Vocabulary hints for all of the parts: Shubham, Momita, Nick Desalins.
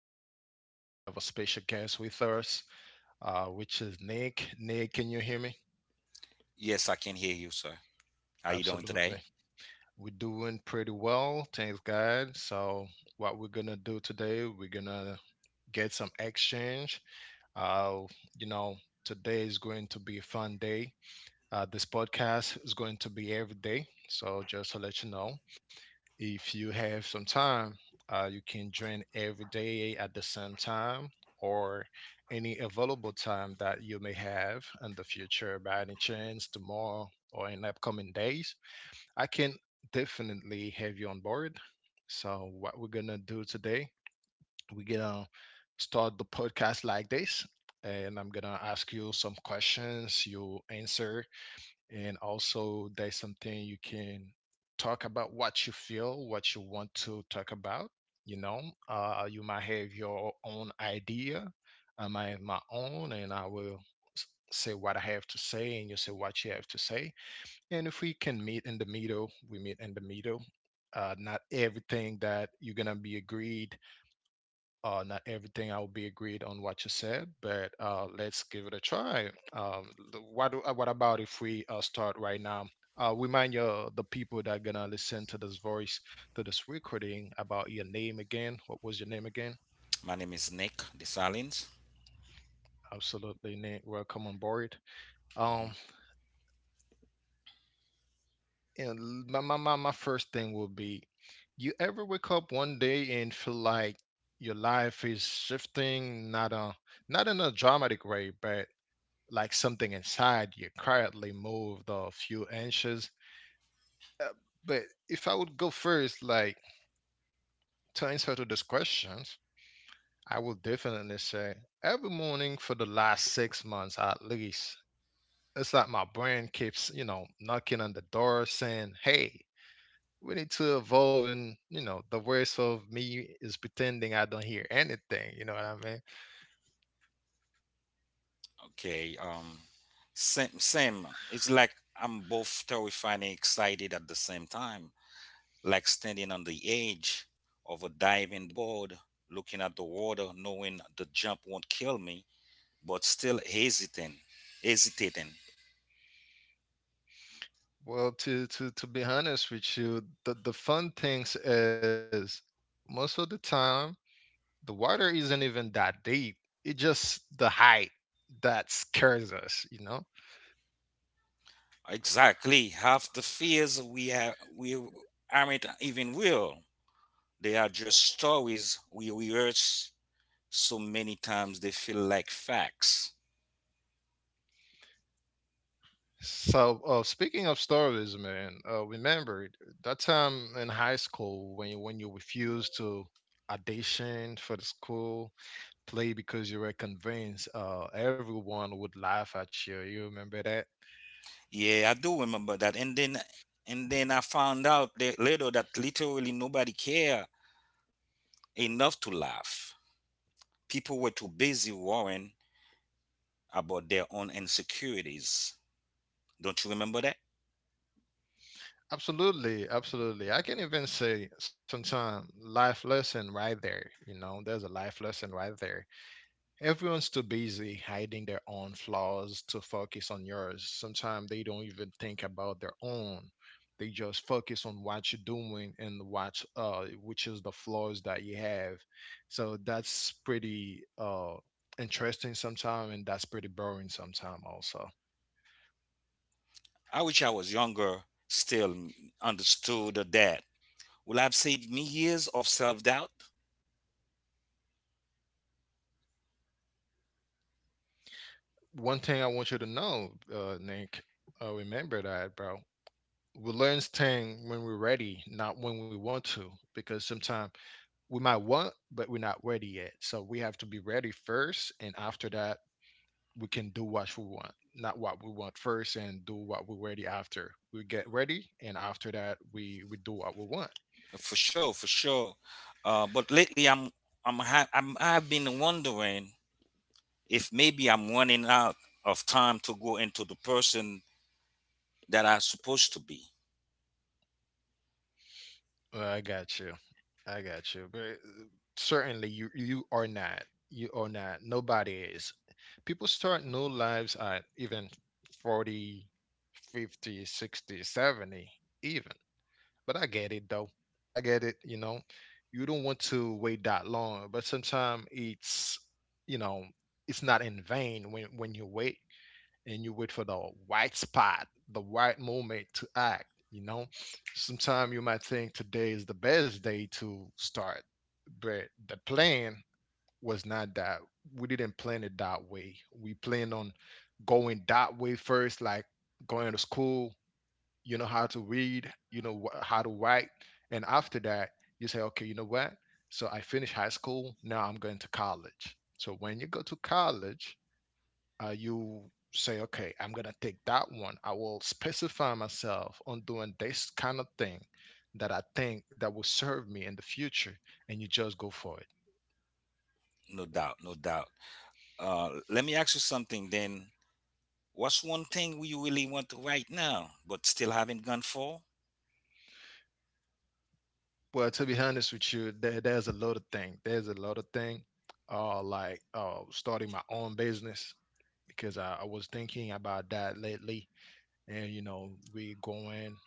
Today we have a special guest with us, which is Nick. Nick, can you hear me? Yes, I can hear you, sir. How you doing Absolutely. today? We're doing pretty well, thanks God. So what we're gonna do today, we're gonna get some exchange. Uh, you know, today is going to be a fun day. This podcast is going to be every day. So just to let you know. If you have some time, you can join every day at the same time or any available time that you may have in the future by any chance tomorrow or in upcoming days. I can definitely have you on board. So, what we're gonna do today, we're gonna start the podcast like this, and I'm gonna ask you some questions. You answer, and also there's something you can talk about, what you feel, what you want to talk about. You know uh, you might have your own idea. I might have my own, and I will say what I have to say, and you say what you have to say, and if we can meet in the middle, we meet in the middle. Not everything that you're gonna be agreed, not everything I will be agreed on what you said, but let's give it a try. What about if we start right now? Remind your the people that are gonna listen to this voice to this recording about your name again. What was your name again? My name is Nick Desalins. Absolutely, Nick. Welcome on board. Um, Mhm. and l- my first thing will be, you ever wake up one day and feel like your life is shifting, not a not in a dramatic way, but like something inside you quietly moved a few inches. Uh, but if I would go first, like to answer to these questions, I would definitely say every morning for the last 6 months at least, it's like my brain keeps, you know, knocking on the door saying, "Hey, we need to evolve." And you know, the voice of me is pretending I don't hear anything. You know what I mean? Okay. Same. It's like I'm both terrified and excited at the same time, like standing on the edge of a diving board, looking at the water, knowing the jump won't kill me, but still hesitating. Well, to be honest with you, the fun things is most of the time, the water isn't even that deep. It's just the height that scares us, you know? Exactly. Half the fears we have, we aren't even real. They are just stories we rehearse so many times they feel like facts. So, speaking of stories, man, remember that time in high school when you refused to audition for the school play because you were convinced everyone would laugh at you. You remember that? Yeah, I do remember that. And then I found out later that literally nobody cared enough to laugh. People were too busy worrying about their own insecurities. Don't you remember that? Absolutely, absolutely. I can even say sometimes life lesson right there. You know, there's a life lesson right there. Everyone's too busy hiding their own flaws to focus on yours. Sometimes they don't even think about their own. They just focus on what you're doing and what which is the flaws that you have. So that's pretty interesting sometimes, and that's pretty boring sometimes also. I wish I was younger, still understood that. Will I have saved me years of self doubt? One thing I want you to know, Nick, remember that, bro. We learn thing when we're ready, not when we want to, because sometimes we might want, but we're not ready yet. So we have to be ready first, and after that, we can do what we want, not what we want first, and do what we're ready after. We get ready, and after that, we do what we want. For sure. But lately, I'm ha- I'm I've been wondering if maybe I'm running out of time to go into the person that I'm supposed to be. Well, I got you. I got you. But certainly, you are not. You are not. Nobody is. People start new lives at even 40, 50, 60, 70, even. But I get it though. I get it, you know. You don't want to wait that long, but sometimes you know, it's not in vain when you wait and you wait for the right spot, the right moment to act, you know. Sometimes you might think today is the best day to start, but the plan was not that. We didn't plan it that way. We planned on going that way first, like going to school, you know how to read, you know how to write, and after that, you say, okay, you know what? So I finished high school. Now I'm going to college. So when you go to college, you say, okay, I'm gonna take that one. I will specify myself on doing this kind of thing that I think that will serve me in the future, and you just go for it. No doubt. Let me ask you something then. What's one thing we really want right now, but still haven't gone for? Well, to be honest with you, there's a lot of thing. There's a lot of thing. Like, starting my own business, because I was thinking about that lately, and you know, we going,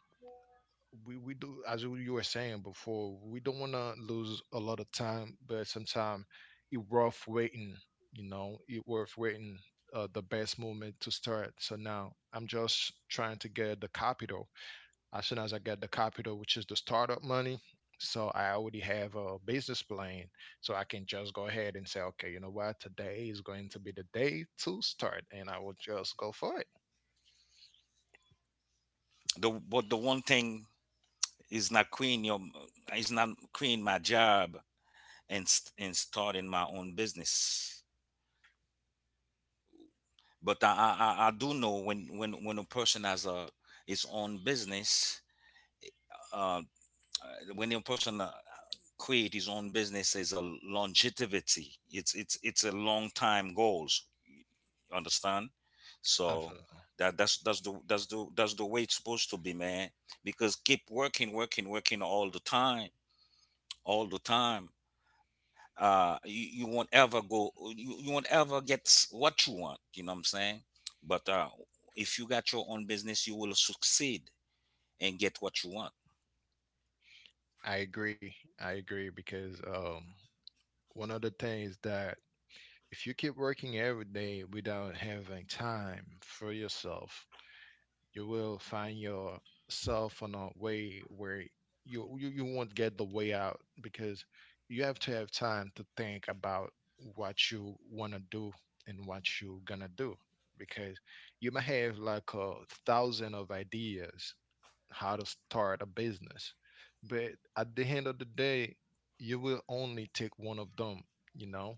we do as you were saying before, we don't want to lose a lot of time, but sometimes it worth waiting. You know, it worth waiting. The best moment to start. So now I'm just trying to get the capital, as soon as I get the capital, which is the startup money. So I already have a business plan. So I can just go ahead and say, okay, you know what? Today is going to be the day to start, and I will just go for it. The but the one thing is not quitting your is not quitting my job and and starting my own business. But I do know when a person has a his own business, uh, when a person create his own business, is a longevity. It's a long time goals. You understand? So Absolutely. that's the way it's supposed to be, man. Because keep working all the time, all the time. You won't ever go. You won't ever get what you want. You know what I'm saying? But if you got your own business, you will succeed and get what you want. I agree. I agree, because one of the things that if you keep working every day without having time for yourself, you will find yourself on a way where you won't get the way out, because you have to have time to think about what you want to do and what you're gonna do, because you may have like a thousand of ideas how to start a business, but at the end of the day, you will only take one of them, you know.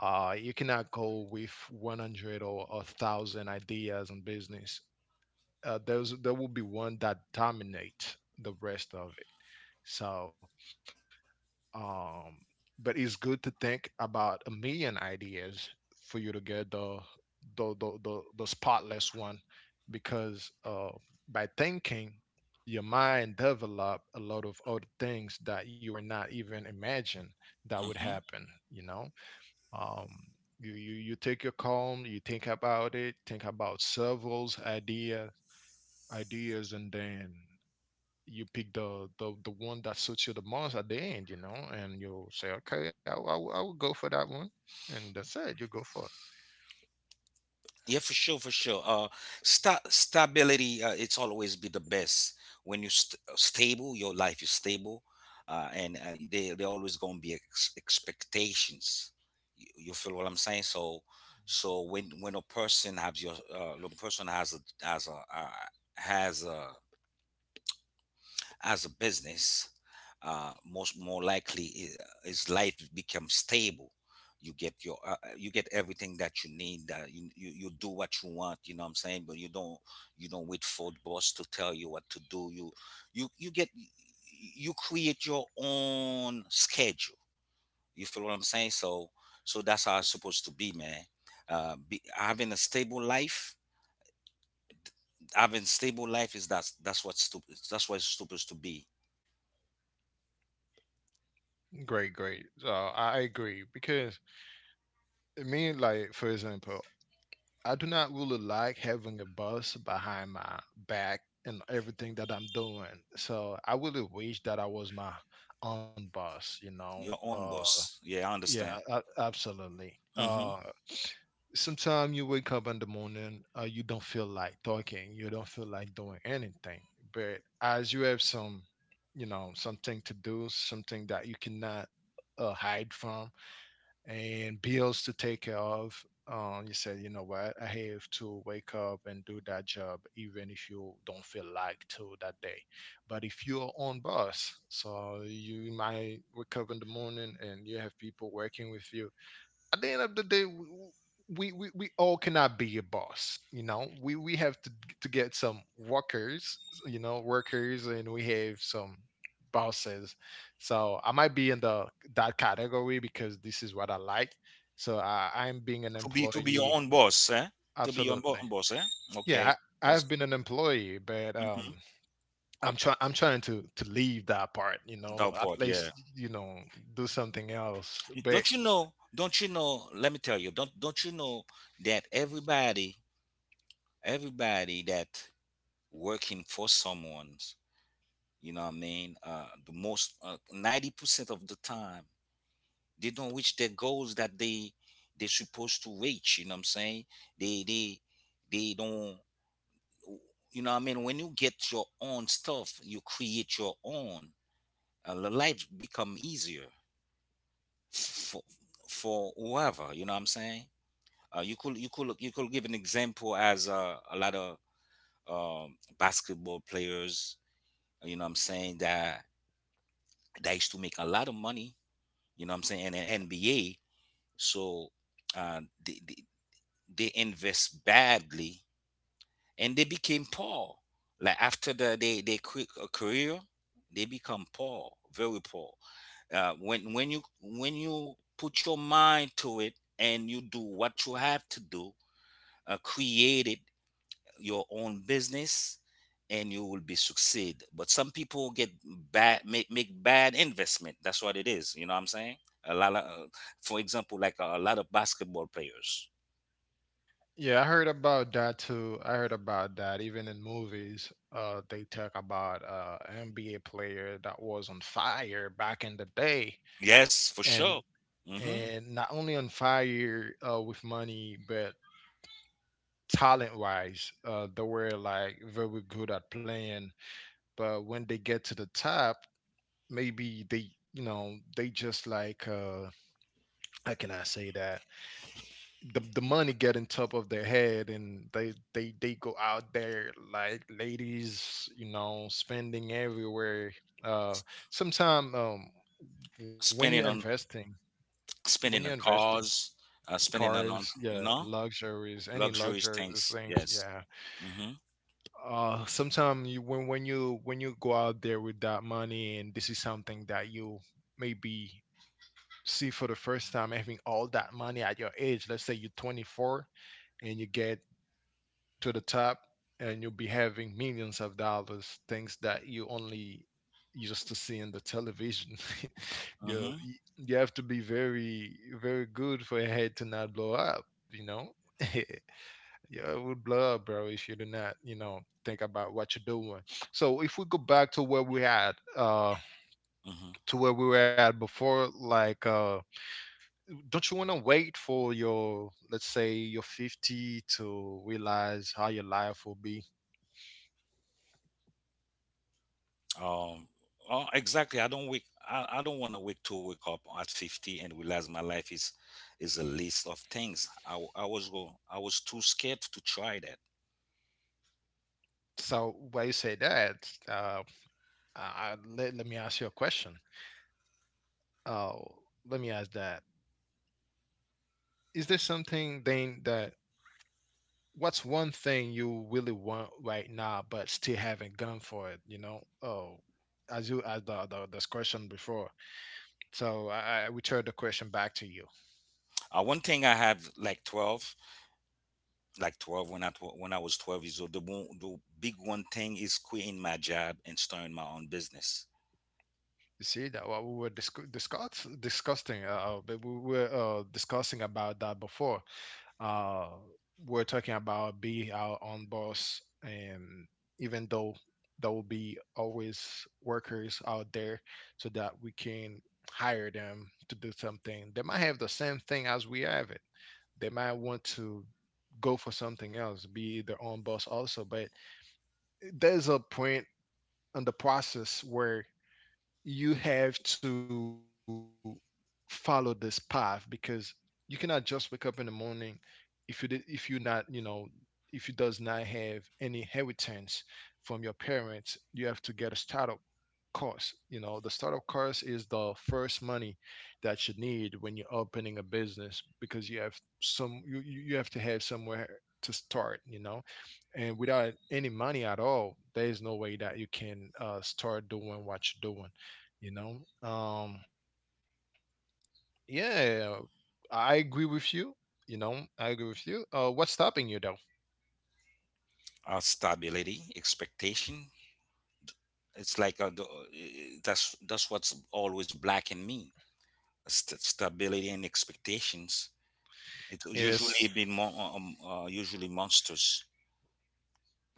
You cannot go with 100 or a thousand ideas on business. There will be one that dominates the rest of it. So, um, but it's good to think about a million ideas for you to get the spotless one, because by thinking, your mind develop a lot of other things that you were not even imagine that would Mm-hmm. happen. You know, um, you take your calm, you think about it, think about several ideas, and then you pick the one that suits you the most at the end, you know, and you'll say, okay, I will go for that one, and that's it. You go for Yeah, for sure, for sure. Stability, it's always be the best. When you st stable, your life is stable, and they always gonna be ex expectations. You feel what I'm saying? So when a person has your when a person has a has a has a as a business, most more likely is life becomes stable. You get your you get everything that you need. You do what you want. You know what I'm saying. But you don't wait for the boss to tell you what to do. You you get you create your own schedule. You feel what I'm saying? So that's how it's supposed to be, man. Having a stable life, having stable life is that's what's stup- that's what it's supposed to be it. Great, great. So I agree, because I mean, like, for example, I do not really like having a boss behind my back and everything that I'm doing, so I really wish that I was my own boss, you know. your own uh boss. Yeah, I Yeah, understand. a- absolutely. Hmm. Sometimes you wake up in the morning, you don't feel like talking, you don't feel like doing anything. But as you have some, you know, something to do, something that you cannot hide from, and bills to take care of. You said, you know what, I have to wake up and do that job, even if you don't feel like to that day. But if you're on boss, so you might wake up in the morning and you have people working with you. At the end of the day, we all cannot be a boss. You know, we have to get some workers. You know, workers, and we have some bosses. So I might be in the that category because this is what I like. So I'm being an To be your employee. own boss, eh? To be your Absolutely. own boss, eh? Okay, Yeah, I, that's I've been an employee, but hmm I'm trying. I'm trying to leave that part. You know, that at part. Yeah. least, you know, do something else. Don't But you know? Don't you know? Let me tell you. Don't you know that everybody, everybody that working for someone, you know what I mean? The most 90% of the time, they don't reach their goals that they supposed to reach. You know what I'm saying? They they they don't you know what I mean when you get your own stuff you create your own the life become easier for whoever you know what I'm saying you could you could give an example as a lot of basketball players you know what I'm saying that used to make a lot of money you know what I'm saying in the NBA so uh, they, they, they invest badly and they became poor, like after they quit a career, they become poor, very poor. When you put your mind to it and you do what you have to do, create it your own business, and you will be succeed. But some people get bad make bad investment. That's what it is. You know what I'm saying? A lot of, for example, like a, lot of basketball players. yeah, I heard about that too. I heard about that. Even in movies, they talk about NBA player that was on fire back in the day, Yes, for sure. and Mm-hmm. and not only on fire with money, but talent wise, they were like very good at playing. But when they get to the top, maybe they just like how can I say that? The money getting top of their head, and they go out there like ladies, you know, spending everywhere. Uh sometime um when you're Spending on investing, when you're spending on investing cars, spending on cars, you yeah, know luxuries, any luxurious luxuries things. Yes. things, yeah. Mhm. Sometime you, when you go out there with that money, and this is something that you maybe see for the first time, having all that money at your age. Let's say you're 24 and you get to the top, and you'll be having millions of dollars, things that you only used to see in the television. You know, Mhm. You have to be very very good for your head to not blow up, you know. Yeah, it would blow up, bro, if you do not, you know, think about what you're doing. So if we go back to where we had Mhm. to where we were at before, like, don't you want to wait for your, let's say, your 50 to realize how your life will be? Um. Oh, exactly. I don't wake. I don't want to wake up at 50 and realize my life is a list of things. I, w- I was go. I was too scared to try that. So why you say that? Let me ask you a question. Uh, Let me ask that. Is there something then that, what's one thing you really want right now but still haven't gone for it? You know, oh, as you, as the this question before. So I return the question back to you. One thing I have like 12, like 12 when I was 12 years old. The big one thing is quitting my job and starting my own business. You see that what we were discussing. But we were discussing about that before. uh, we're talking about be our own boss, and even though there will be always workers out there so that we can hire them to do something. They might have the same thing as we have it. They might want to go for something else, be their own boss also, but there's a point in the process where you have to follow this path, because you cannot just wake up in the morning. If you did, if you not, you know, if you does not have any inheritance from your parents, you have to get a startup course. You know, the startup course is the first money that you need when you're opening a business, because you have some, you you have to have somewhere to start, you know. And without any money at all, there is no way that you can start doing what you're doing, you know. um yeah, I agree with you, you know, I agree with you. What's stopping you, though? Stability, expectation. It's like a, that's what's always black in me. Stability and expectations. It will usually Is, be usually monsters.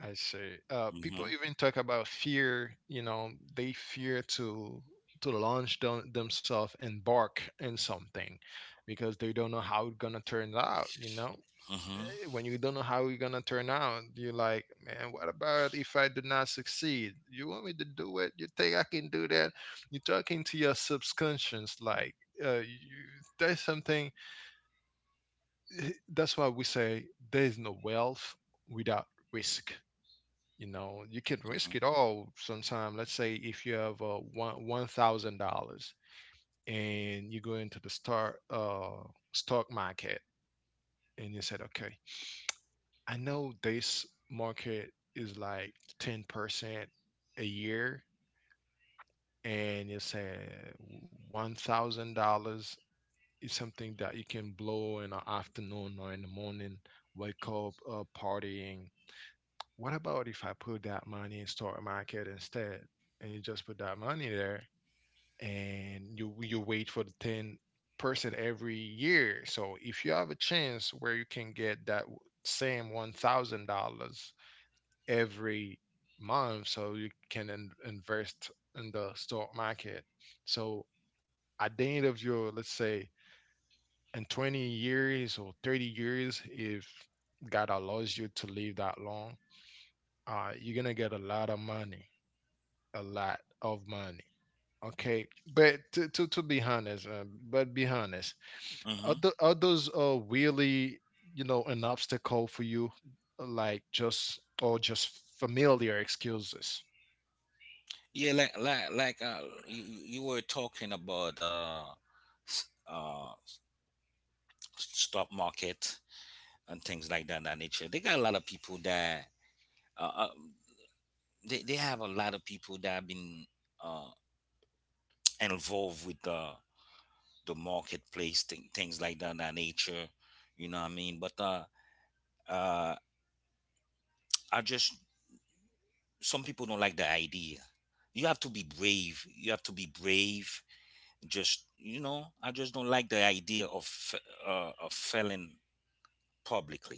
I say, Hmm. people even talk about fear, you know. They fear to launch themselves, embark in something because they don't know how it's gonna turn out, you know. Hmm. When you don't know how you're gonna turn out, you're like, man, what about if I do not succeed? You want me to do it? You think I can do that? You're talking to your subconscious, like, you, there's something. That's why we say there is no wealth without risk. You know, you can Hmm. risk it all. Sometime, let's say if you have one thousand dollars and you go into the star stock market, and you said, okay, I know this market is like 10% a year, and you say $1,000 is something that you can blow in the afternoon or in the morning, wake up, partying. What about if I put that money in stock market instead? And you just put that money there, and you wait for the 10% every year. So if you have a chance where you can get that same $1,000 every month, so you can invest in the stock market. So at the end of your, let's say, in 20 years or 30 years, if God allows you to live that long, you're gonna get a lot of money, a lot of money. Okay, but to be honest, but be honest, Hmm. Are those really, you know, an obstacle for you, like, just, or just familiar excuses? Yeah, like you were talking about s- uh, stock market and things like that. That nature. They got a lot of people that uh, uh, they have a lot of people that have been uh, involved with the marketplace, things like that, that nature. You know what I mean? But uh, I just some people don't like the idea. You have to be brave. You have to be brave. Just you know, I just don't like the idea of of failing publicly.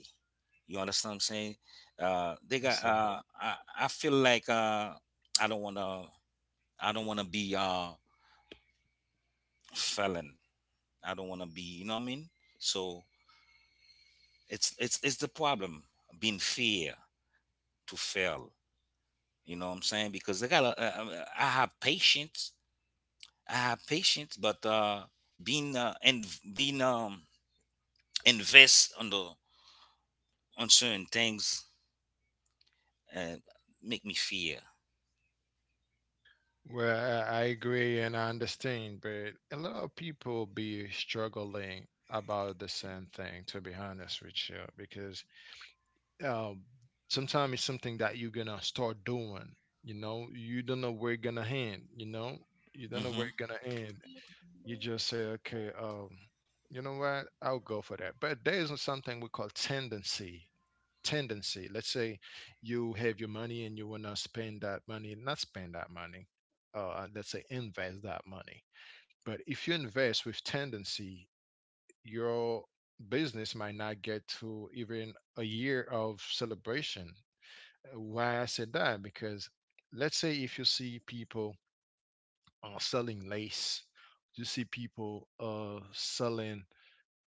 You understand what I'm saying? They Let's got. see. I feel like I don't wanna. I don't wanna be felon. I don't wanna be. You know what I mean? So it's the problem being fear to fail. You know what I'm saying? Because I got a, I have patience. I have patience, but being and being invest on the on certain things uh, make me fear. Well, I agree and I understand, but a lot of people be struggling about the same thing, to be honest with you, because um, sometimes it's something that you're gonna start doing, you know, you don't know where it's gonna end, you know, you don't know Hmm. where it's gonna end. You just say, okay, you know what, I'll go for that. But there is something we call tendency. Let's say you have your money and you want to spend that money, not spend that money, let's say invest that money. But if you invest with tendency, your business might not get to even a year of celebration. Why I said that? Because let's say if you see people selling lace, you see people selling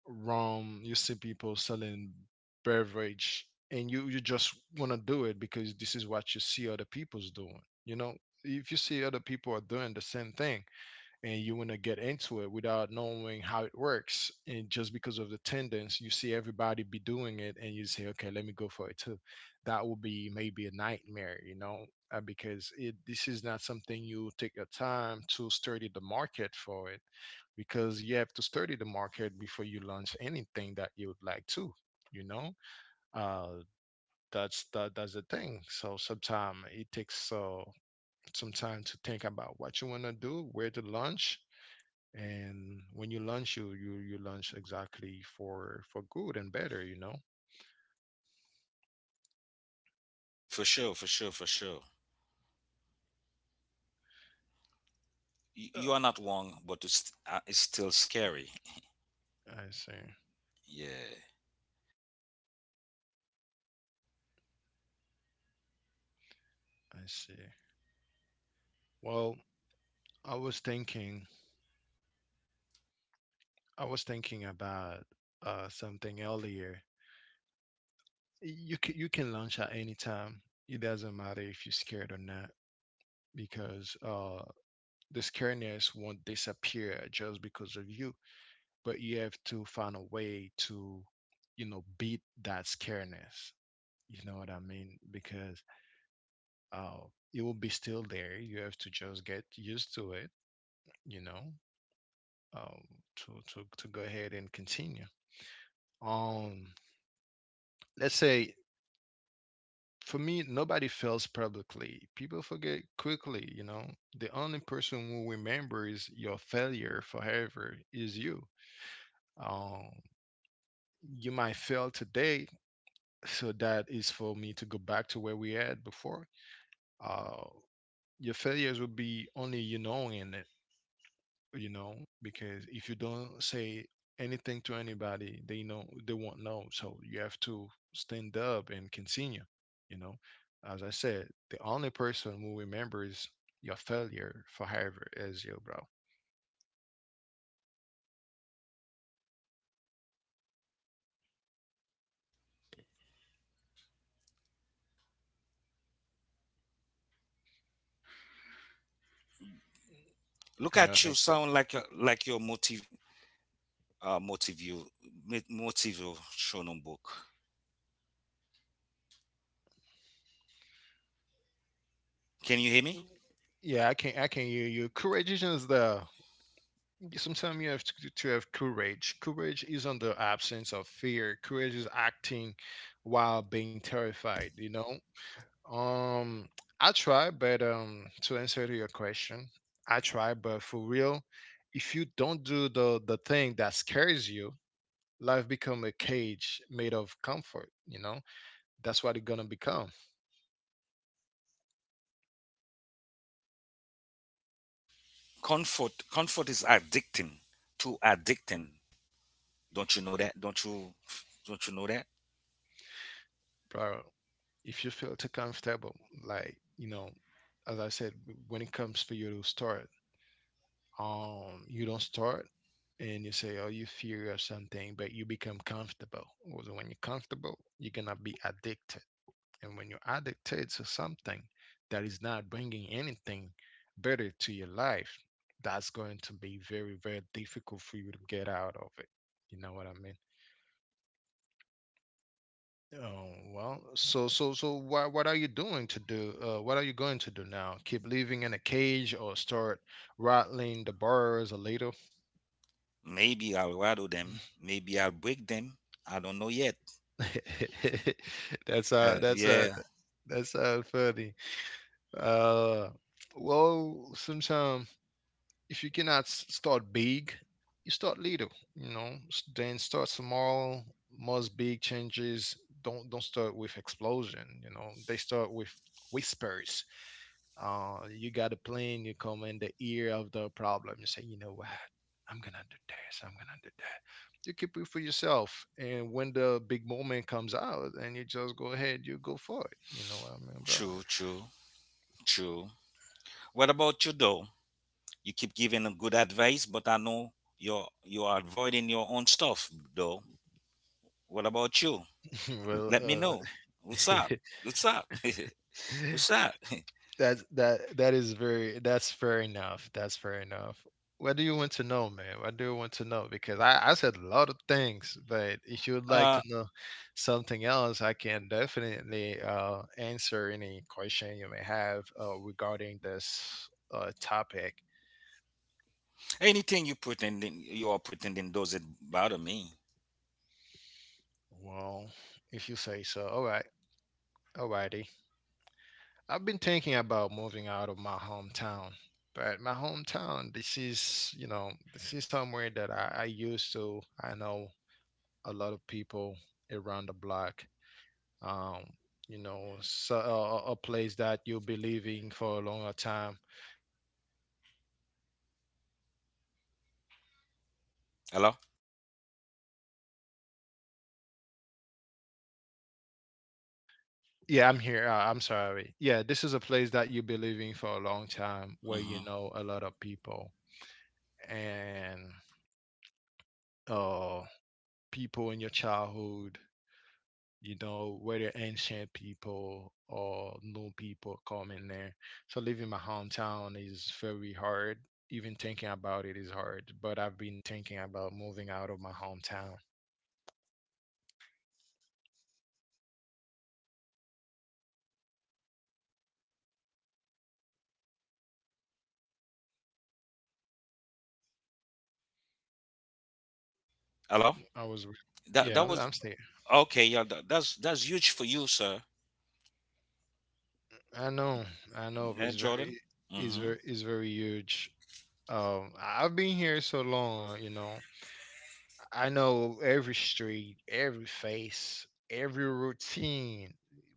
Rome, you see people selling beverage, and you just want to do it because this is what you see other people's doing. You know, if you see other people are doing the same thing and you want to get into it without knowing how it works, and just because of the tendons you see everybody be doing it, and you say, okay, let me go for it too, that would be maybe a nightmare, you know. Because it, this is not something you take your time to study the market for it, because you have to study the market before you launch anything that you would like to, you know. uh that's that's the thing. So sometimes it takes some time to think about what you want to do, where to launch, and when you launch, you launch exactly for good and better, you know. For sure. You, Uh, you are not wrong, but it's still scary. I see, Yeah. I see. Well, i was thinking I was thinking about something earlier. You can, you can launch at any time. It doesn't matter if you're scared or not, because the scaredness won't disappear just because of you. But you have to find a way to, you know, beat that scaredness, you know what I mean? Because uh, it will be still there. You have to just get used to it, you know, um, to go ahead and continue. Um, let's say for me, nobody fails publicly. People forget quickly, you know. The only person who remembers your failure forever is you. Um, you might fail today, so that is for me to go back to where we had before. Uh, your failures will be only you knowing it. You know, because if you don't say anything to anybody, they know, they won't know. So you have to stand up and continue, you know. As I said, the only person who remembers your failure forever is you, bro. Look You know, at you, Nick. sound like your motive motive you motivational book. Can you hear me? Yeah, I can, I can hear you. Courage is the, sometimes you have to have courage. Courage is on the absence of fear. Courage is acting while being terrified, you know? Um, I try, but to answer to your question, I try, but for real, if you don't do the thing that scares you, life become a cage made of comfort. You know, that's what it's gonna become, Comfort comfort is addicting. Too addicting. Don't you know that? Don't you know that? bro. If you feel too comfortable, like, you know, as I said, when it comes for you to start, you don't start. And you say, oh, you fear of something, but you become comfortable. Well, when you're comfortable, you're gonna be addicted. And when you're addicted to something that is not bringing anything better to your life, that's going to be very, very difficult for you to get out of it. You know what I mean? Oh, well, so what are you doing to do? What are you going to do now? Keep living in a cage or start rattling the bars a little? Maybe I'll rattle them. Maybe I'll break them. I don't know yet. That's uh that's uh Yeah, that's funny. Uh well, sometimes if you cannot start big, you start little. You know, then start small. Most big changes don't start with explosion. You know, they start with whispers. You got a plan. You come in the ear of the problem. You say, you know what? I'm gonna do this, I'm gonna do that. You keep it for yourself, and when the big moment comes out, and you just go ahead, you go for it. You know what I mean, bro? true, true, true. What about you though? You keep giving them good advice, but I know you are avoiding your own stuff though. What about you? Well, Let me know. What's up? What's up? uh, What's up? that's that is very, that's fair enough. That's fair enough. What do you want to know, man? What do you want to know? Because I said a lot of things, but if you would like Uh, to know something else, I can definitely answer any question you may have regarding this topic. anything you pretending you are pretending doesn't bother me. Well, if you say so, all right, alrighty. I've been thinking about moving out of my hometown, but my hometown, this is, you know, this is somewhere that I know a lot of people around the block. Um, you know, so, a place that you'll be living for a longer time. Hello. Yeah, I'm here. I'm sorry. Yeah, this is a place that you'll be living for a long time where you Hmm. know a lot of people, and uh, people in your childhood, you know, whether ancient people or new people come in there. So leaving my hometown is very hard. Even thinking about it is hard. But I've been thinking about moving out of my hometown. I was, Hello. re- yeah, That I'm that staying. was okay. Yeah, that's huge for you, sir. I know, I know. Yeah, Jordan. Hmm. It's very huge. I've been here so long, you know. I know every street, every face, every routine,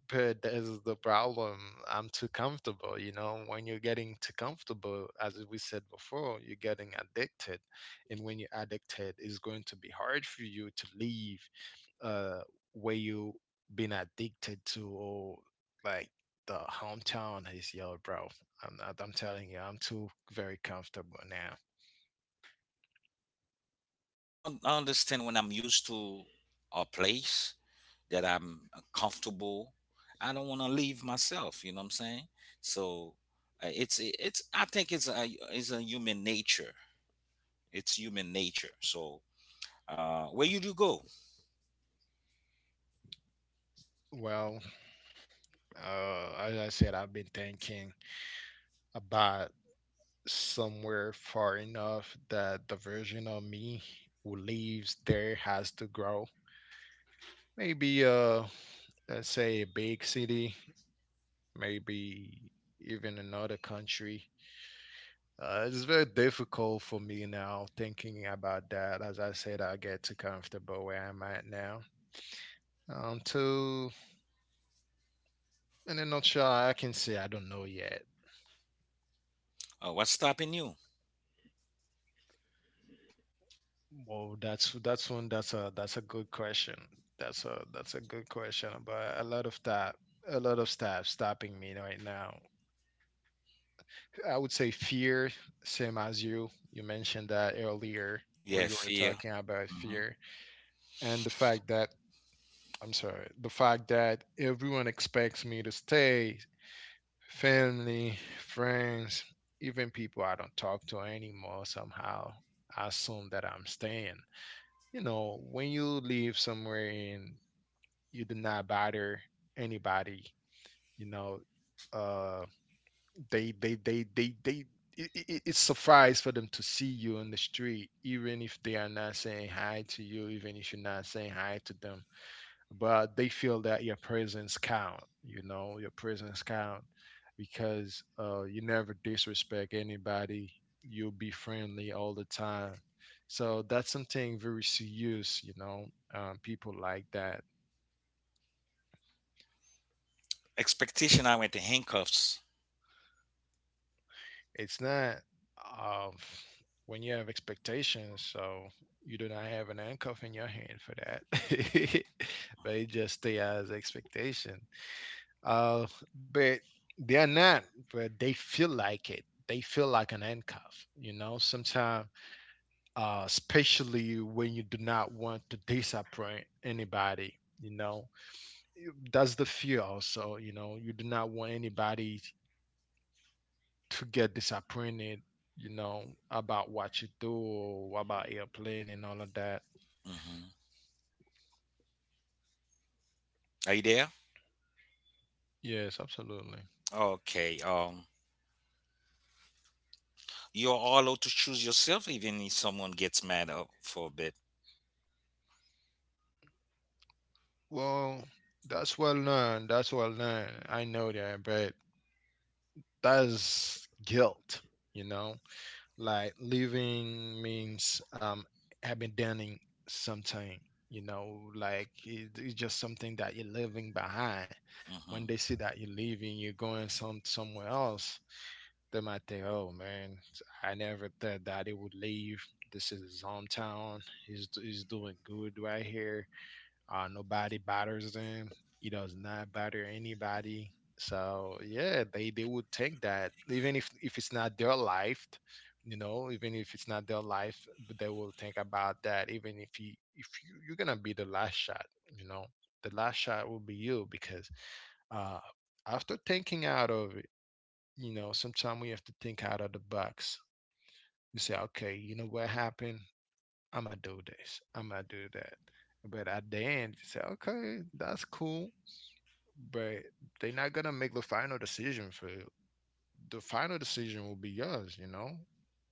but that is the problem. I'm too comfortable. You know, when you're getting too comfortable, as we said before, you're getting addicted. And when you're addicted, it's going to be hard for you to leave uh, where you've been addicted to, or like the hometown is your bro. I'm, not, I'm telling you, I'm too very comfortable now. I understand when I'm used to a place that I'm comfortable. I don't want to leave myself. You know what I'm saying? So it's it's. I think it's a human nature. It's human nature. So where you do go? Well, as I said, I've been thinking about somewhere far enough that the version of me who lives there has to grow. Maybe let's say a big city, maybe even another country. It's very difficult for me now thinking about that. As I said, I get too comfortable where I'm at now. To in a nutshell, I can say I don't know yet. What's stopping you? Well, that's a good question. That's a good question about a lot of stuff stopping me right now. I would say fear, same as you. You mentioned that earlier where Yeah, you were fear. talking about Hmm. fear and the fact that everyone expects me to stay, family, friends, even people I don't talk to anymore somehow assume that I'm staying, When you live somewhere in, you do not bother anybody you know uh they they they they they it's surprise for them to see you on the street, even if they are not saying hi to you, even if you're not saying hi to them, but they feel that your presence count. Your presence count, because you never disrespect anybody. You'll be friendly all the time, so that's something very serious. People like that. Expectation. I went to handcuffs. It's not, uh, when you have expectations, so you do not have an handcuff in your hand for that. They just stay as expectation. Uh, but they're not, but they feel like it. They feel like an handcuff. Sometimes, especially when you do not want to disappoint anybody, you know, that's the fear. Also, you do not want anybody to get disappointed, you know, about what you do or about your plan and all of that. Hmm. Are you there? Yes, absolutely. Okay. You're all allowed to choose yourself, even if someone gets mad up for a bit. Well, that's well known. That's well known. I know that, but that's guilt, you know? Like living means abandoning something, like it's just something that you're leaving behind. When they Mm-hmm. see that you're leaving, you're going somewhere else. They might think, oh man, I never thought that he would leave. This is his hometown. He's doing good right here. Nobody bothers him. He does not bother anybody. So yeah, they would think that, even if it's not their life, even if it's not their life, but they will think about that. Even if you, you're gonna be the last shot, you know, the last shot will be you, because uh, after thinking out of, sometimes we have to think out of the box. You say, okay, you know what happened? I'm gonna do this. I'm gonna do that. But at the end, you say, okay, that's cool, but they're not gonna make the final decision for you. The final decision will be yours. You know,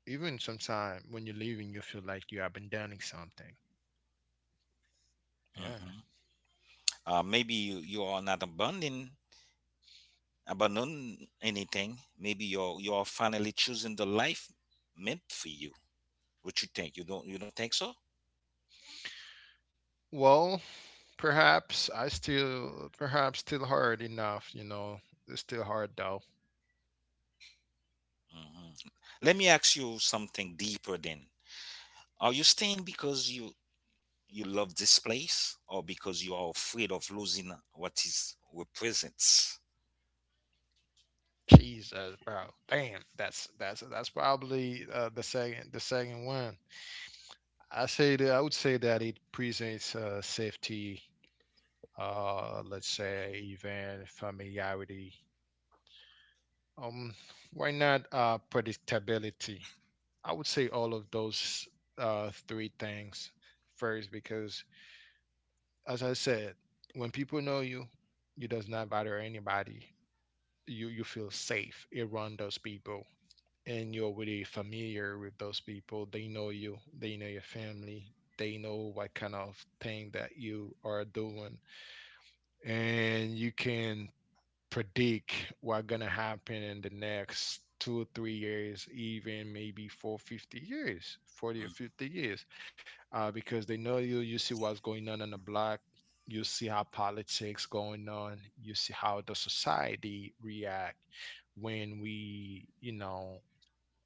even sometimes when you're leaving, you feel like you have been abandoning something. Yeah. Hmm. Maybe you are not abandoning anything. Maybe you are finally choosing the life meant for you. What you think? You don't think so? Well, perhaps perhaps still hard enough. It's still hard though. Hmm. Let me ask you something deeper. Then, are you staying because you love this place, or because you are afraid of losing what is represents? Jesus, bro. Damn, that's probably the second one. I would say that it presents safety, let's say even familiarity. Um, why not, predictability? I would say all of those three things first because, as I said, when people know you, you does not bother anybody. You feel safe around those people, and you're already familiar with those people. They know you, they know your family, they know what kind of thing that you are doing, and you can predict what's gonna happen in the next 2 or 3 years, even maybe four, 50 years, 40 or Mm. 50 years, because they know you, you see what's going on the block. You see how politics going on. You see how the society react when we, you know,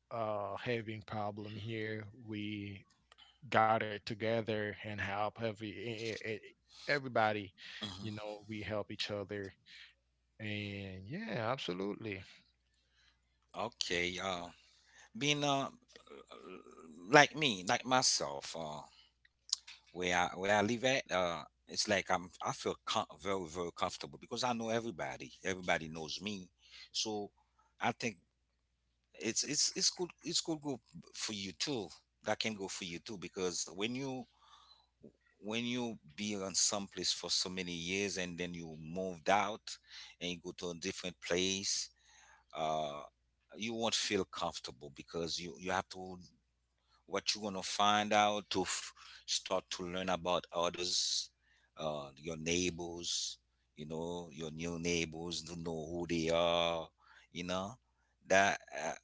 uh, having problem here. We got it together and help every everybody. We help each other. And yeah, absolutely. Okay. Being like me, like myself. Where I live at, it's like I feel very comfortable because I know everybody. Everybody knows me, so I think it's good go for you too. That can go for you too, because when you be on some place for so many years and then you moved out and you go to a different place, uh, you won't feel comfortable because you have to what you're gonna find out to start to learn about others your neighbors you know your new neighbors to know who they are you know that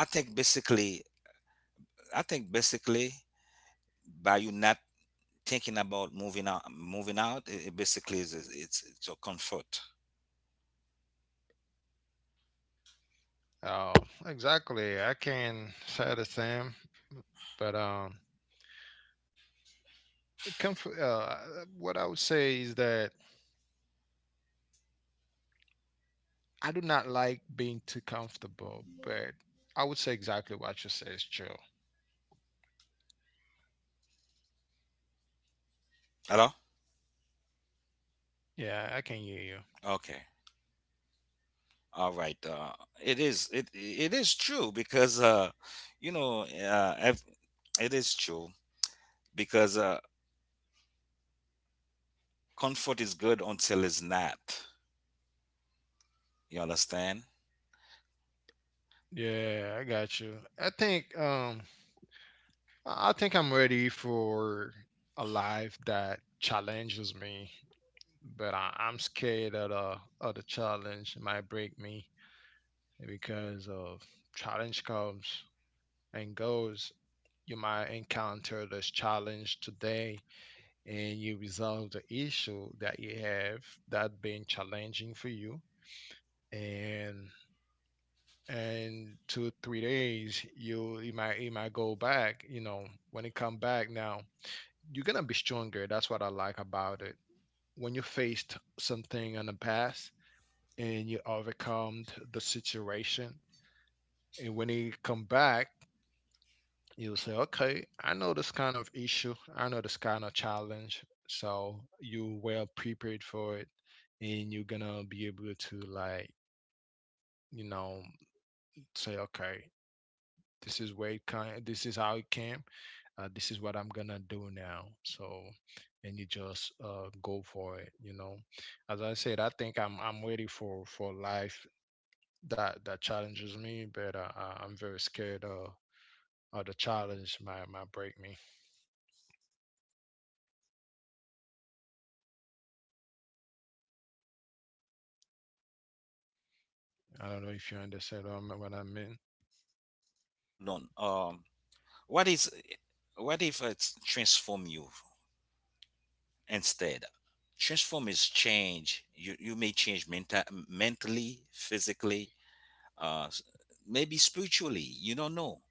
I think basically i think basically by you not thinking about moving out it, it basically it's your comfort. Oh, exactly. I can say the same. But um, it comf- uh, what I would say is that I do not like being too comfortable. But I would say exactly what you say is true. Hello. Yeah, I can hear you. Okay, all right. It is it is true because you know it is true because comfort is good until it's not. You understand? Yeah, I got you. I think um I think I'm ready for a life that challenges me, but I'm scared that of the challenge might break me, because of challenge comes and goes. You might encounter this challenge today, and you resolve the issue that you have that been challenging for you, and and 2 3 days you might go back, when it come back, now you're gonna be stronger. That's what I like about it. When you faced something in the past and you overcome the situation, and when you come back, you'll say, "Okay, I know this kind of issue. I know this kind of challenge." So you well prepared for it, and you're gonna be able to you know say, "Okay, this is where it kind. This is how it came. This is what I'm gonna do now. So, and you just go for it." You know, as I said, I think I'm ready for life that challenges me, but I'm very scared of. Or the challenge might break me. I don't know if you understand what I mean. Hold on. What is what if it's transform you instead? Transform is change. You may change mentally, physically, uh, s- maybe spiritually. You don't know.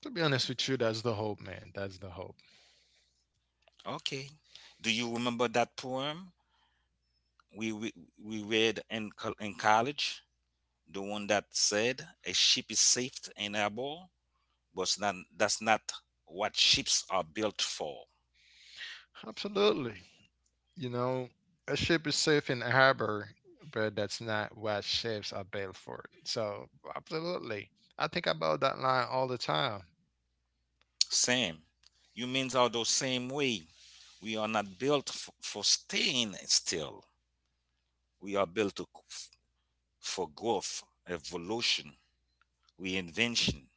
To be honest with you, that's the hope, man. That's the hope. Okay. Do you remember that poem we we, we read in in college? The one that said a ship is safe in a bow, but it's not, that's not what ships are built for. Absolutely. You know, a ship is safe in a harbor, but that's not what ships are built for. So, absolutely. I think about that line all the time. Same. Humans are the same way. We are not built for staying still. We are built for growth, evolution, reinvention.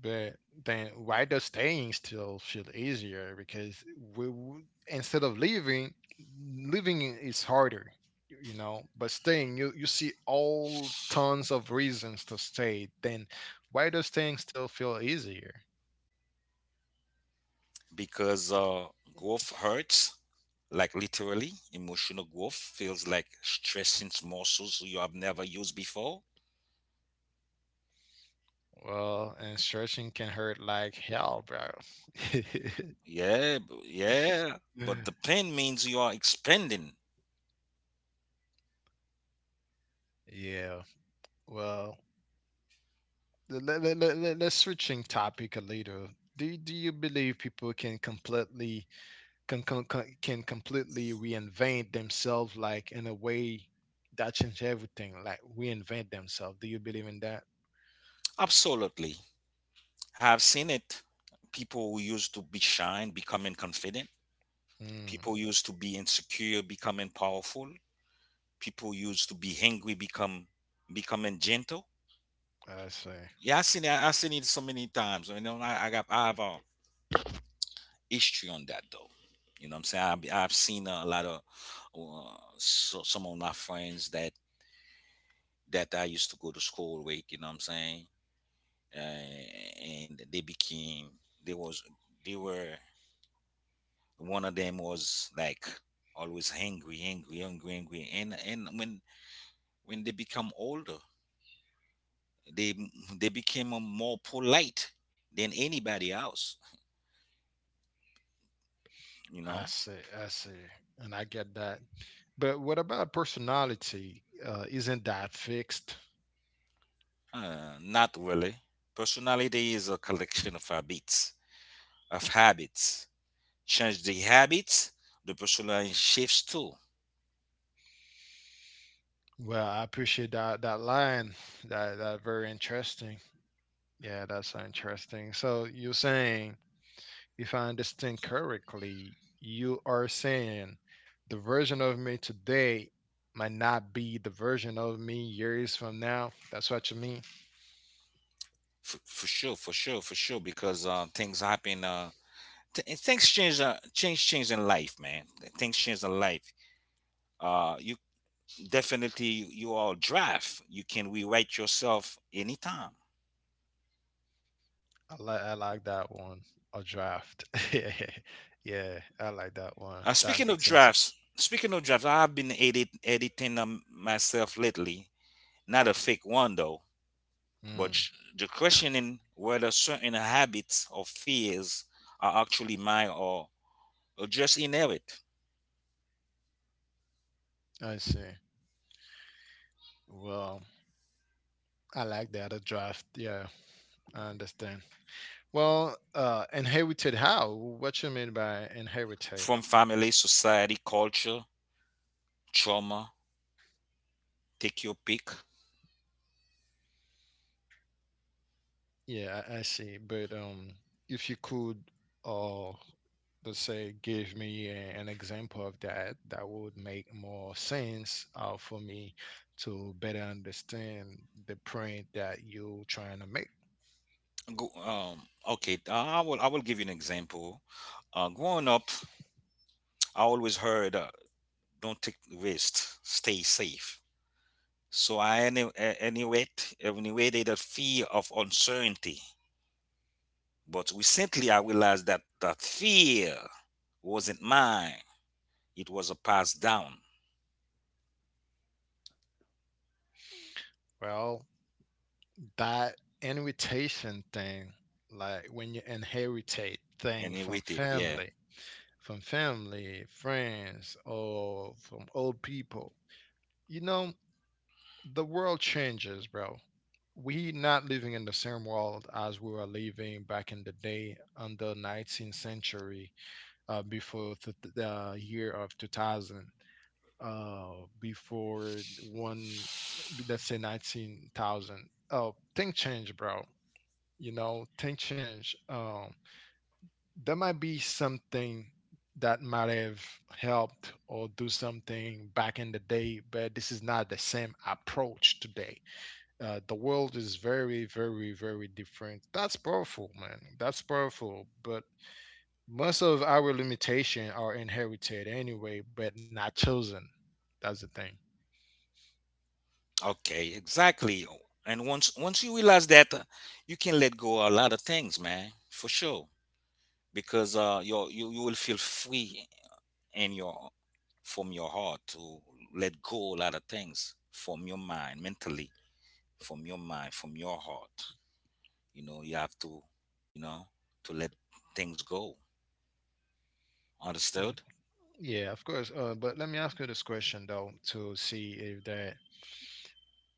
But then why does staying still feel easier? Because we, w instead of leaving, living is harder. But staying, you see all tons of reasons to stay. Then why does staying still feel easier? Because growth hurts, like literally. Emotional growth feels like stressing muscles you have never used before. Well, and searching can hurt like hell, bro. Yeah. But the pain means you are expanding. Yeah. Well, let us switching topic a little. Do you believe people can completely reinvent themselves, like in a way that change everything, like reinvent themselves? Do you believe in that? Absolutely. I've seen it. People who used to be shy and becoming confident. People mm, used to be insecure, becoming powerful. People used to be hungry, become becoming gentle. i see Yeah, I seen it. I seen it so many times. I know. I have a history on that though. You know what I'm saying? I've seen a lot of some of my friends that I used to go to school with. You know what I'm saying? Uh, and they became they was they were, one of them was like always angry, angry, angry, angry, and when they become older, they they became a more polite than anybody else, you i know. see i see and I get that. But what about personality, isn't that fixed? Not really, personality is a collection of habits. of habits Change the habits, the personality shifts too. Well, I appreciate that line, that very interesting. Yeah, that's so interesting. So you're saying, if I understand correctly, you are saying the version of me today might not be the version of me years from now. That's what you mean. For sure, for sure, for sure. Because things happen, and things change. Change in life, man. Things change in life. You definitely, you are a draft, you can rewrite yourself anytime. I like that one. A draft. Yeah, yeah, I like that one. That Speaking makes of sense. drafts, speaking of drafts, I've been editing them myself lately. Not a fake one though, but Mm, the questioning whether certain habits or fears are actually mine or just inherit I see. Well, I like that, a draft. Yeah, I understand. Well, inherited how? What you mean by inherited? from family, society, culture, trauma. Take your pick. Yeah, I see. But if you could, uh, let's say, give me an example of that, that would make more sense, for me to better understand the point that you're trying to make. Go, um, okay, I will. I will give you an example. Growing up, I always heard, "Don't take risks, stay safe." So I annihilated the fear of uncertainty. But recently I realized that that fear wasn't mine. It was a pass down. Well, that inheritance thing, like when you inheritate thing from Annihilated, yeah. family, from family, friends, or from old people, you know, the world changes, bro. We not living in the same world as we were living back in the day, on the 19th century, before the year of 2000, uh, before one, let's say 19,000. Oh, things change, bro. Things change. There might be something that might have helped or do something back in the day, but this is not the same approach today. The world is very, very, very different. That's powerful, man. That's powerful. But most of our limitation are inherited anyway, but not chosen. That's the thing. Okay, exactly. And once you realize that, you can let go a lot of things, man, for sure. Because you will feel free in your from your heart to let go a lot of things from your mind, mentally, from your mind, from your heart. You know you have to, you know, to let things go. Mm. Understood. Yeah, of course. But let me ask you this question though, to see if that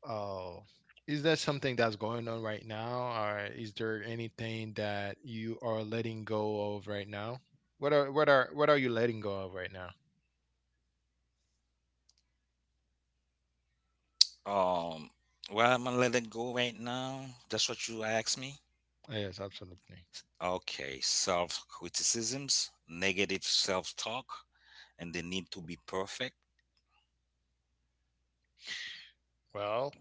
uh, is that something that's going on right now, or is there anything that you are letting go of right now? What are you letting go of right now? um well, I'm gonna let it go right now. That's what you asked me. Yes, absolutely. Okay, self criticisms, negative self talk, and the need to be perfect. Well,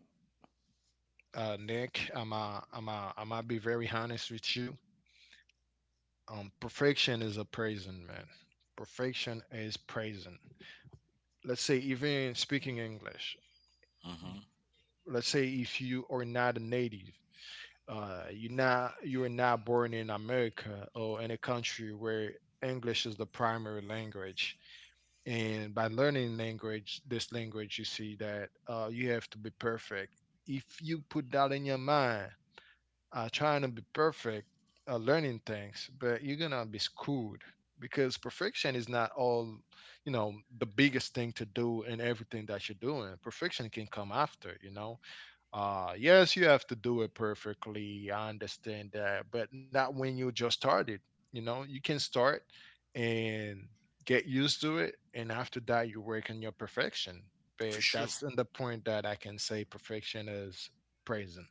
Nick. I'm gonna be very honest with you. Perfection is a prison, man. Perfection is prison. Let's say even speaking English. Hmm, Let's say if you are not a native, you are not born in America or in a country where English is the primary language. And by learning language, this language, you see that you have to be perfect. If you put that in your mind, trying to be perfect, learning things, but you're gonna be screwed because perfection is not all, you know, the biggest thing to do in everything that you're doing. Perfection can come after. Yes, you have to do it perfectly. I understand that, but not when you just started. You know, you can start and get used to it, and after that, you work on your perfection. for But sure. that's in the point that I can say perfection is praising.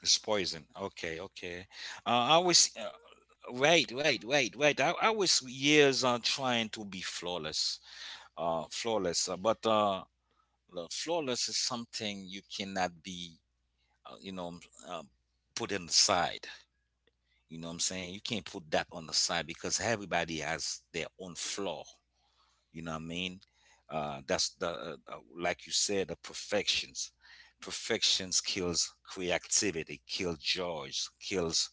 It's poison. Okay, okay. I was I was years on trying to be flawless, flawless. But the flawless is something you cannot be, you know, um, put on the side. You know what I'm saying? You can't put that on the side because everybody has their own flaw, you know what I mean. That's the Like you said, the perfections, perfections kills creativity, kills joys, kills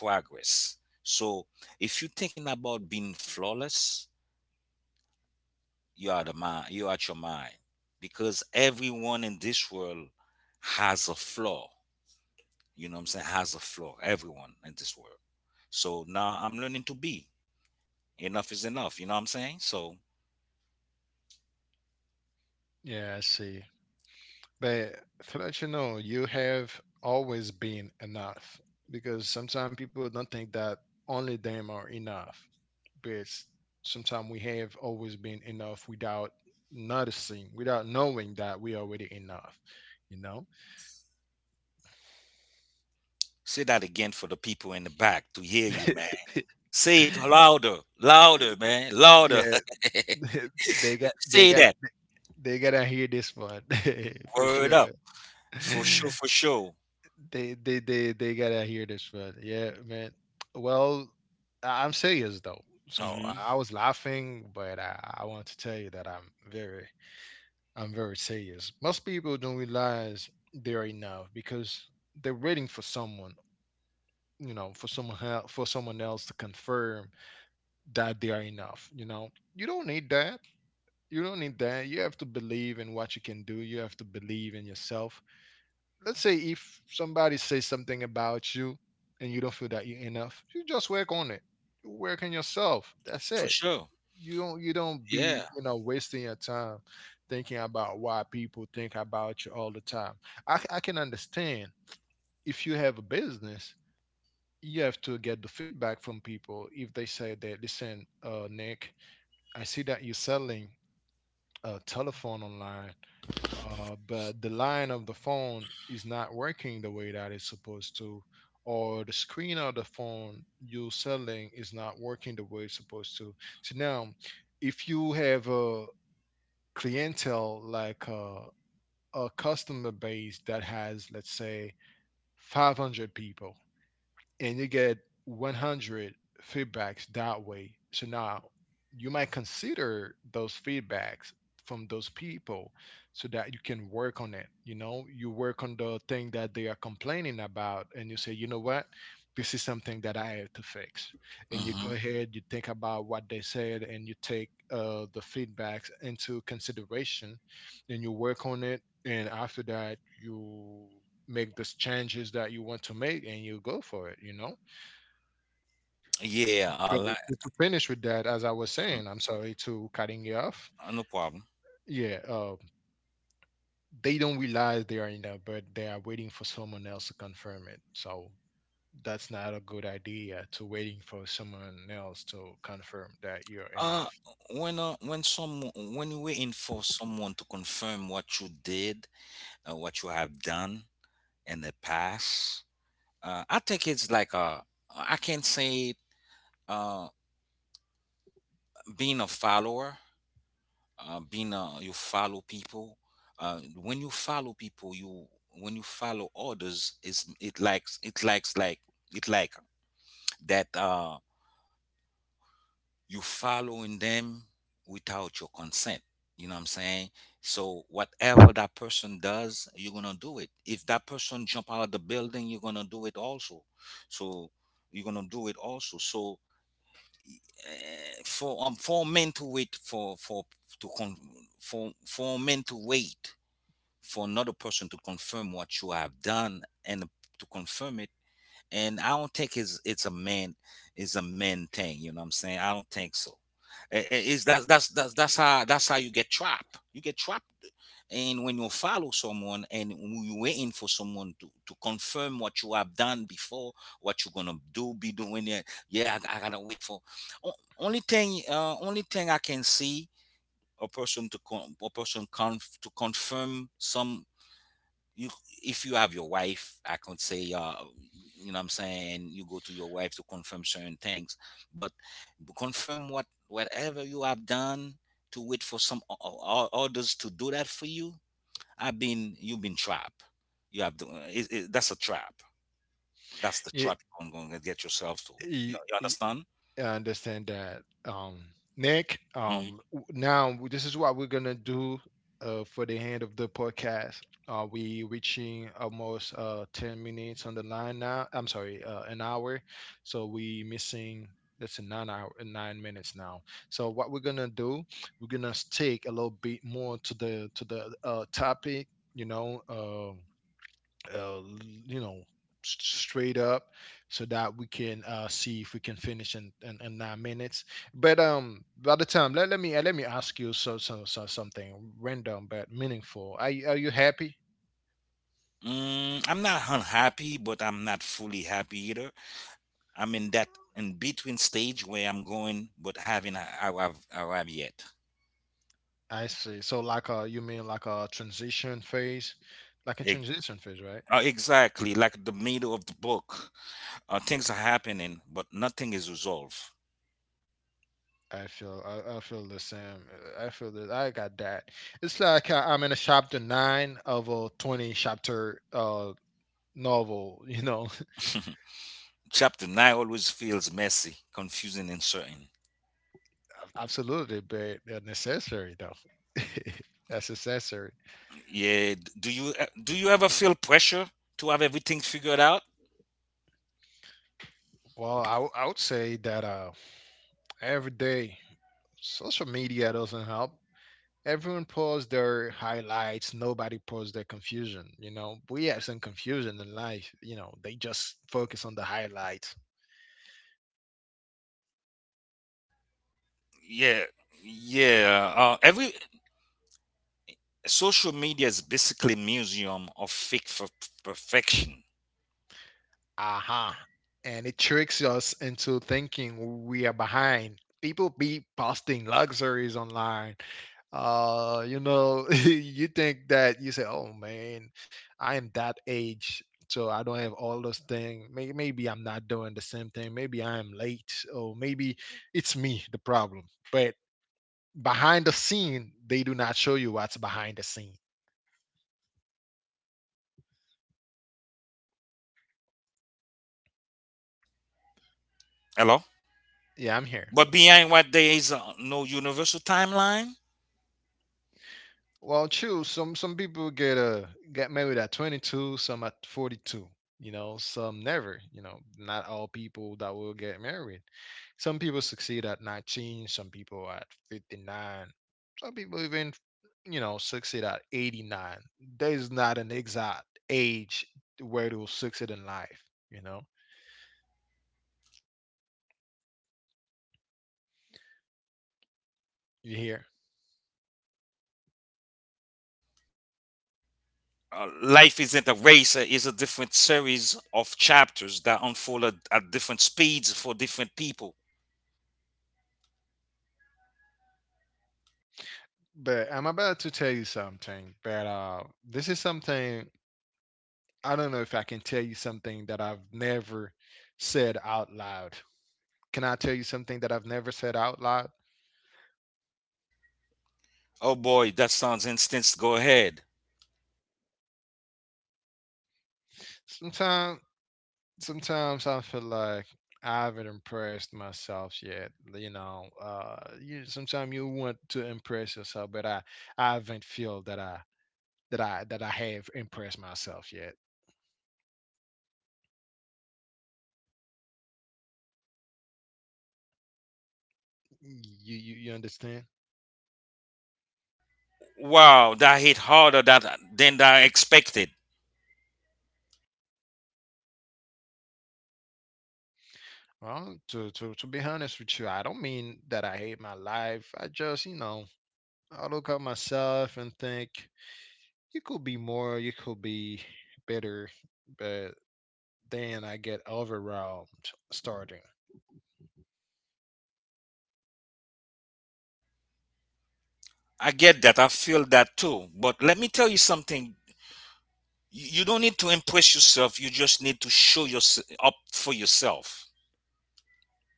progress. So if you're thinking about being flawless, you are the mind, you are at your mind, because everyone in this world has a flaw, you know what I'm saying, has a flaw, everyone in this world. So now I'm learning to be enough is enough, you know what I'm saying. So Yeah, I see. But to let you know, you have always been enough because sometimes people don't think that only them are enough. But sometimes we have always been enough without noticing, without knowing that we already enough. You know? say that again for the people in the back to hear you, man. Say it louder, louder, man, louder. Yeah, they got they Say got that. they gotta hear this one for Word sure. up. For sure, for sure. They gotta hear this one. Yeah, man. Well, I'm serious though. So Hmm. I was laughing, but I want to tell you that I'm very serious. Most people don't realize they are enough because they're waiting for someone, you know, for someone else to confirm that they are enough. You know, you don't need that. You don't need that. You have to believe in what you can do. You have to believe in yourself. Let's say if somebody says something about you and you don't feel that you're enough, you just work on it. You work on yourself. That's For it. sure. You don't Yeah. be, you know, wasting your time thinking about why people think about you all the time. I can understand if you have a business, you have to get the feedback from people if they say that listen, Nick, I see that you're selling a telephone online, but the line of the phone is not working the way that it's supposed to, or the screen of the phone you're selling is not working the way it's supposed to. So now, if you have a clientele like a customer base that has, let's say, 500 people, and you get 100 feedbacks that way. So now you might consider those feedbacks from those people so that you can work on it. You know, you work on the thing that they are complaining about, and you say, you know what? This is something that I have to fix. And you go Hmm. ahead, you think about what they said, and you take the feedbacks into consideration, and you work on it. And after that, you make the changes that you want to make and you go for it, you know. Yeah, I But like. To finish with that, as I was Mhm. saying, I'm sorry to cutting you off, No problem. yeah. They don't realize they are in there, but they are waiting for someone else to confirm it, so that's not a good idea to waiting for someone else to confirm that you're Uh, enough. uh, when you're waiting for someone to confirm what you did, what you have done in the past, I think it's like a, I can't say uh being a follower. Being You follow people. When you follow people, you, when you follow others, is it likes like it like that. You following them without your consent, you know what I'm saying. So whatever that person does, you're gonna do it. If that person jump out of the building, you're gonna do it also, so so for men to wait for to con for men to wait for another person to confirm what you have done and to confirm it. And I don't think it's, it's a man thing. You know what I'm saying? I don't think so. I- It's S- That's how, that's how you get trapped. You get trapped, and when you follow someone and you waiting for someone to confirm what you have done before, what you're gonna do, be doing it. I gotta wait for. Only thing I can see a person to a person to confirm some, you if you have your wife, I can say, you know what I'm saying, you go to your wife to confirm certain things, but confirm what? Whatever you have done to wait for some others to do that for you, I've been, you've been trapped. You have to, it, that's a trap, that's the y- trap you're going to get yourself to. you, y- you y- understand? I understand that. Nick, Mhm. Now this is what we're gonna do for the end of the podcast. We reaching almost 10 minutes on the line now. I'm sorry, an hour. So we missing, that's a 9 hour 9 minutes now. So what we're gonna do, we're gonna stick a little bit more to the topic. You know, uh, you know, straight up so that we can see if we can finish in 9 minutes. But by the time, let me ask you, so something random but meaningful. Are are you happy? Mm, I'm not unhappy but I'm not fully happy either. I'm in that in between stage where I'm going but having, I have, I have yet. I see. So like, you mean like a transition phase, Ex- right? Exactly, like the middle of the book, things are happening, but nothing is resolved. I feel, I feel the same. I feel that I got that. It's like I'm in a chapter nine of a 20 chapter novel you know. Chapter nine always feels messy, confusing, and certain. Absolutely, but they're necessary though. That's necessary. Yeah, do you ever feel pressure to have everything figured out? Well, I would say that every day social media doesn't help. Everyone posts their highlights. Nobody posts their confusion. You know, we have some confusion in life. You know, they just focus on the highlights. Yeah, yeah. Every social media is basically museum of fake for perfection. Aha. And it tricks us into thinking we are behind. People be posting luxuries online. You know, you think that you say, "Oh man, I am that age, so I don't have all those things. Maybe, maybe I'm not doing the same thing. Maybe I am late, or maybe it's me the problem." But behind the scene, they do not show you what's behind the scene. Hello. Yeah, I'm here. But behind what there is no universal timeline. Well, true. Some people get married at 22, some at 42. You know, some never. You know, not all people that will get married. Some people succeed at 19. Some people at 59. Some people even you know succeed at 89. There's not an exact age where to succeed in life. You know, you hear. Life isn't a race. It's a different series of chapters that unfold at different speeds for different people. But I'm about to tell you something. But this is something, I don't know if I can tell you something that I've never said out loud. Can I tell you something that I've never said out loud? Oh boy, that sounds intense. Go ahead. Sometimes, sometimes I feel like I haven't impressed myself yet. You know, you sometimes you want to impress yourself, but I haven't feel that I have impressed myself yet. You understand? Wow, that hit harder than I expected. Well, to be honest with you, I don't mean that I hate my life. I just, you know, I look at myself and think, you could be more, you could be better, but then I get overwhelmed starting. I get that. I feel that too. But let me tell you something. You don't need to impress yourself. You just need to show yourself up for yourself.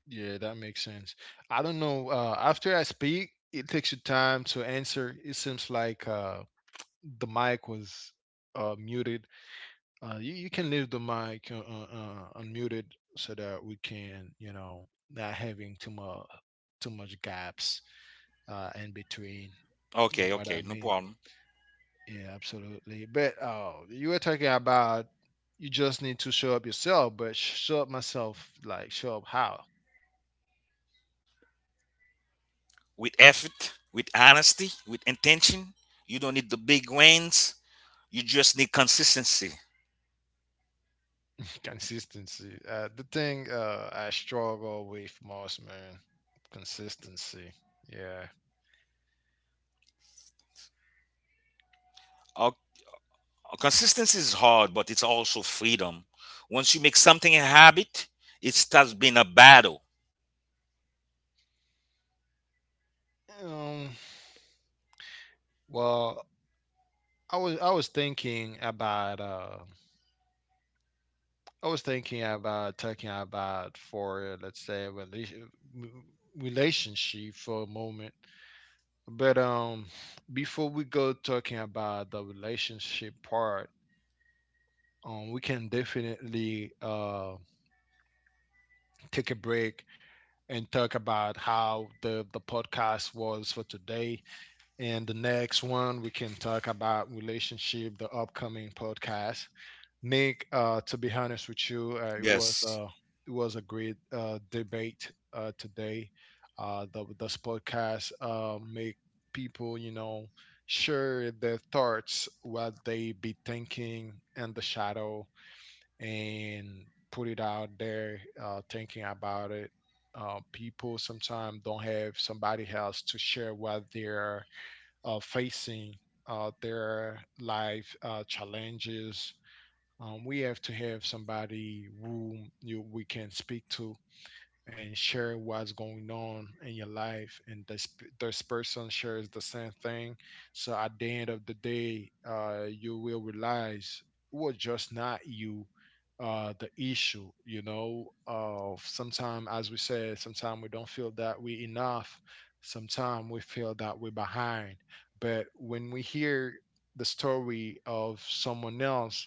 Yeah, that makes sense. I don't know. After I speak, it takes you time to answer. It seems like the mic was muted. You can leave the mic unmuted so that we can, you know, not having too much gaps in between. You Okay, know what I okay, no mean? problem. Yeah, absolutely. But oh, you were talking about you just need to show up yourself, but show up myself, like show up how? With effort, with honesty, with intention, you don't need the big wins. You just need consistency. Consistency. The thing I struggle with most, man, consistency. Yeah. Uh, Consistency is hard, but it's also freedom. Once you make something a habit, it starts being a battle. Um. Well, I was thinking about I was thinking about talking about for let's say a m- relationship for a moment, but before we go talking about the relationship part, we can definitely take a break and talk about how the podcast was for today, and the next one we can talk about relationship, the upcoming podcast. Nick, to be honest with you, Yes. It was a great debate today. The this podcast make people, you know, share their thoughts, what they be thinking in the shadow, and put it out there, thinking about it. People sometimes don't have somebody else to share what they're facing, their life challenges. We have to have somebody who you, we can speak to and share what's going on in your life, and this person shares the same thing. So at the end of the day, you will realize it was just not you, the issue, you know. Sometimes, as we said, sometimes we don't feel that we enough. Sometimes we feel that we're behind, but when we hear the story of someone else,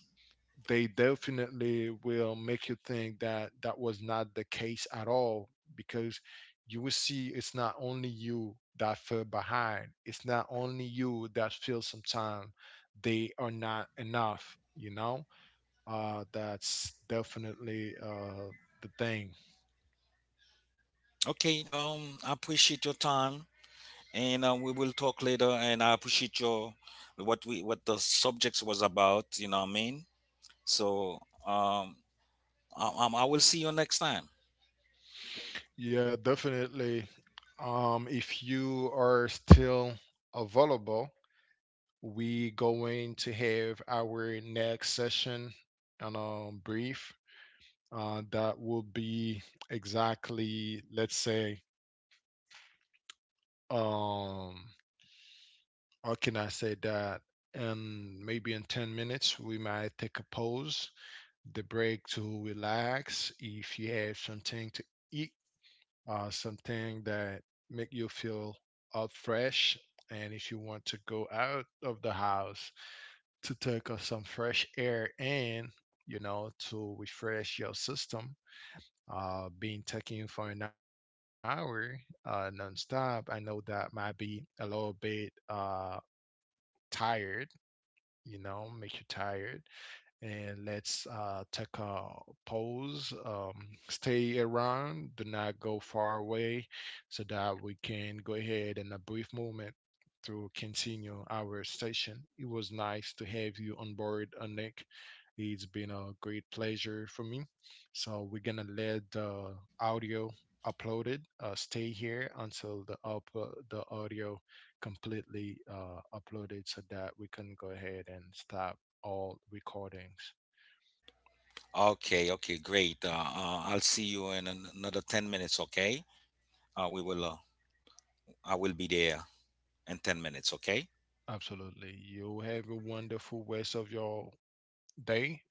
they definitely will make you think that that was not the case at all, because you will see it's not only you that fell behind, it's not only you that feel sometimes they are not enough, you know. That's definitely the thing. Okay. I appreciate your time, and we will talk later, and I appreciate your what, we what the subjects was about, you know what I mean. So um I will see you next time. Yeah, definitely. If you are still available, we going to have our next session on a brief, that will be exactly, let's say, um, how can I say that? And maybe in 10 minutes, we might take a pause, the break to relax. If you have something to eat, something that make you feel out fresh, and if you want to go out of the house to take some fresh air in, you know, to refresh your system, being taken for an hour nonstop, I know that might be a little bit tired, you know, make you tired. And let's take a pause, stay around, do not go far away, so that we can go ahead in a brief moment to continue our session. It was nice to have you on board, Nick. It's been a great pleasure for me. So we're gonna let the audio uploaded stay here until the up the audio completely uploaded so that we can go ahead and start all recordings. Okay, okay, great. I'll see you in another 10 minutes. Okay. We will I will be there in 10 minutes. Okay, Absolutely. You have a wonderful rest of your day.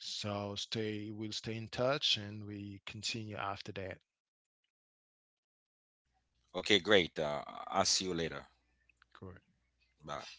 So stay, we'll stay in touch and we continue after that. okay, great. I'll see you later. Good. Bye.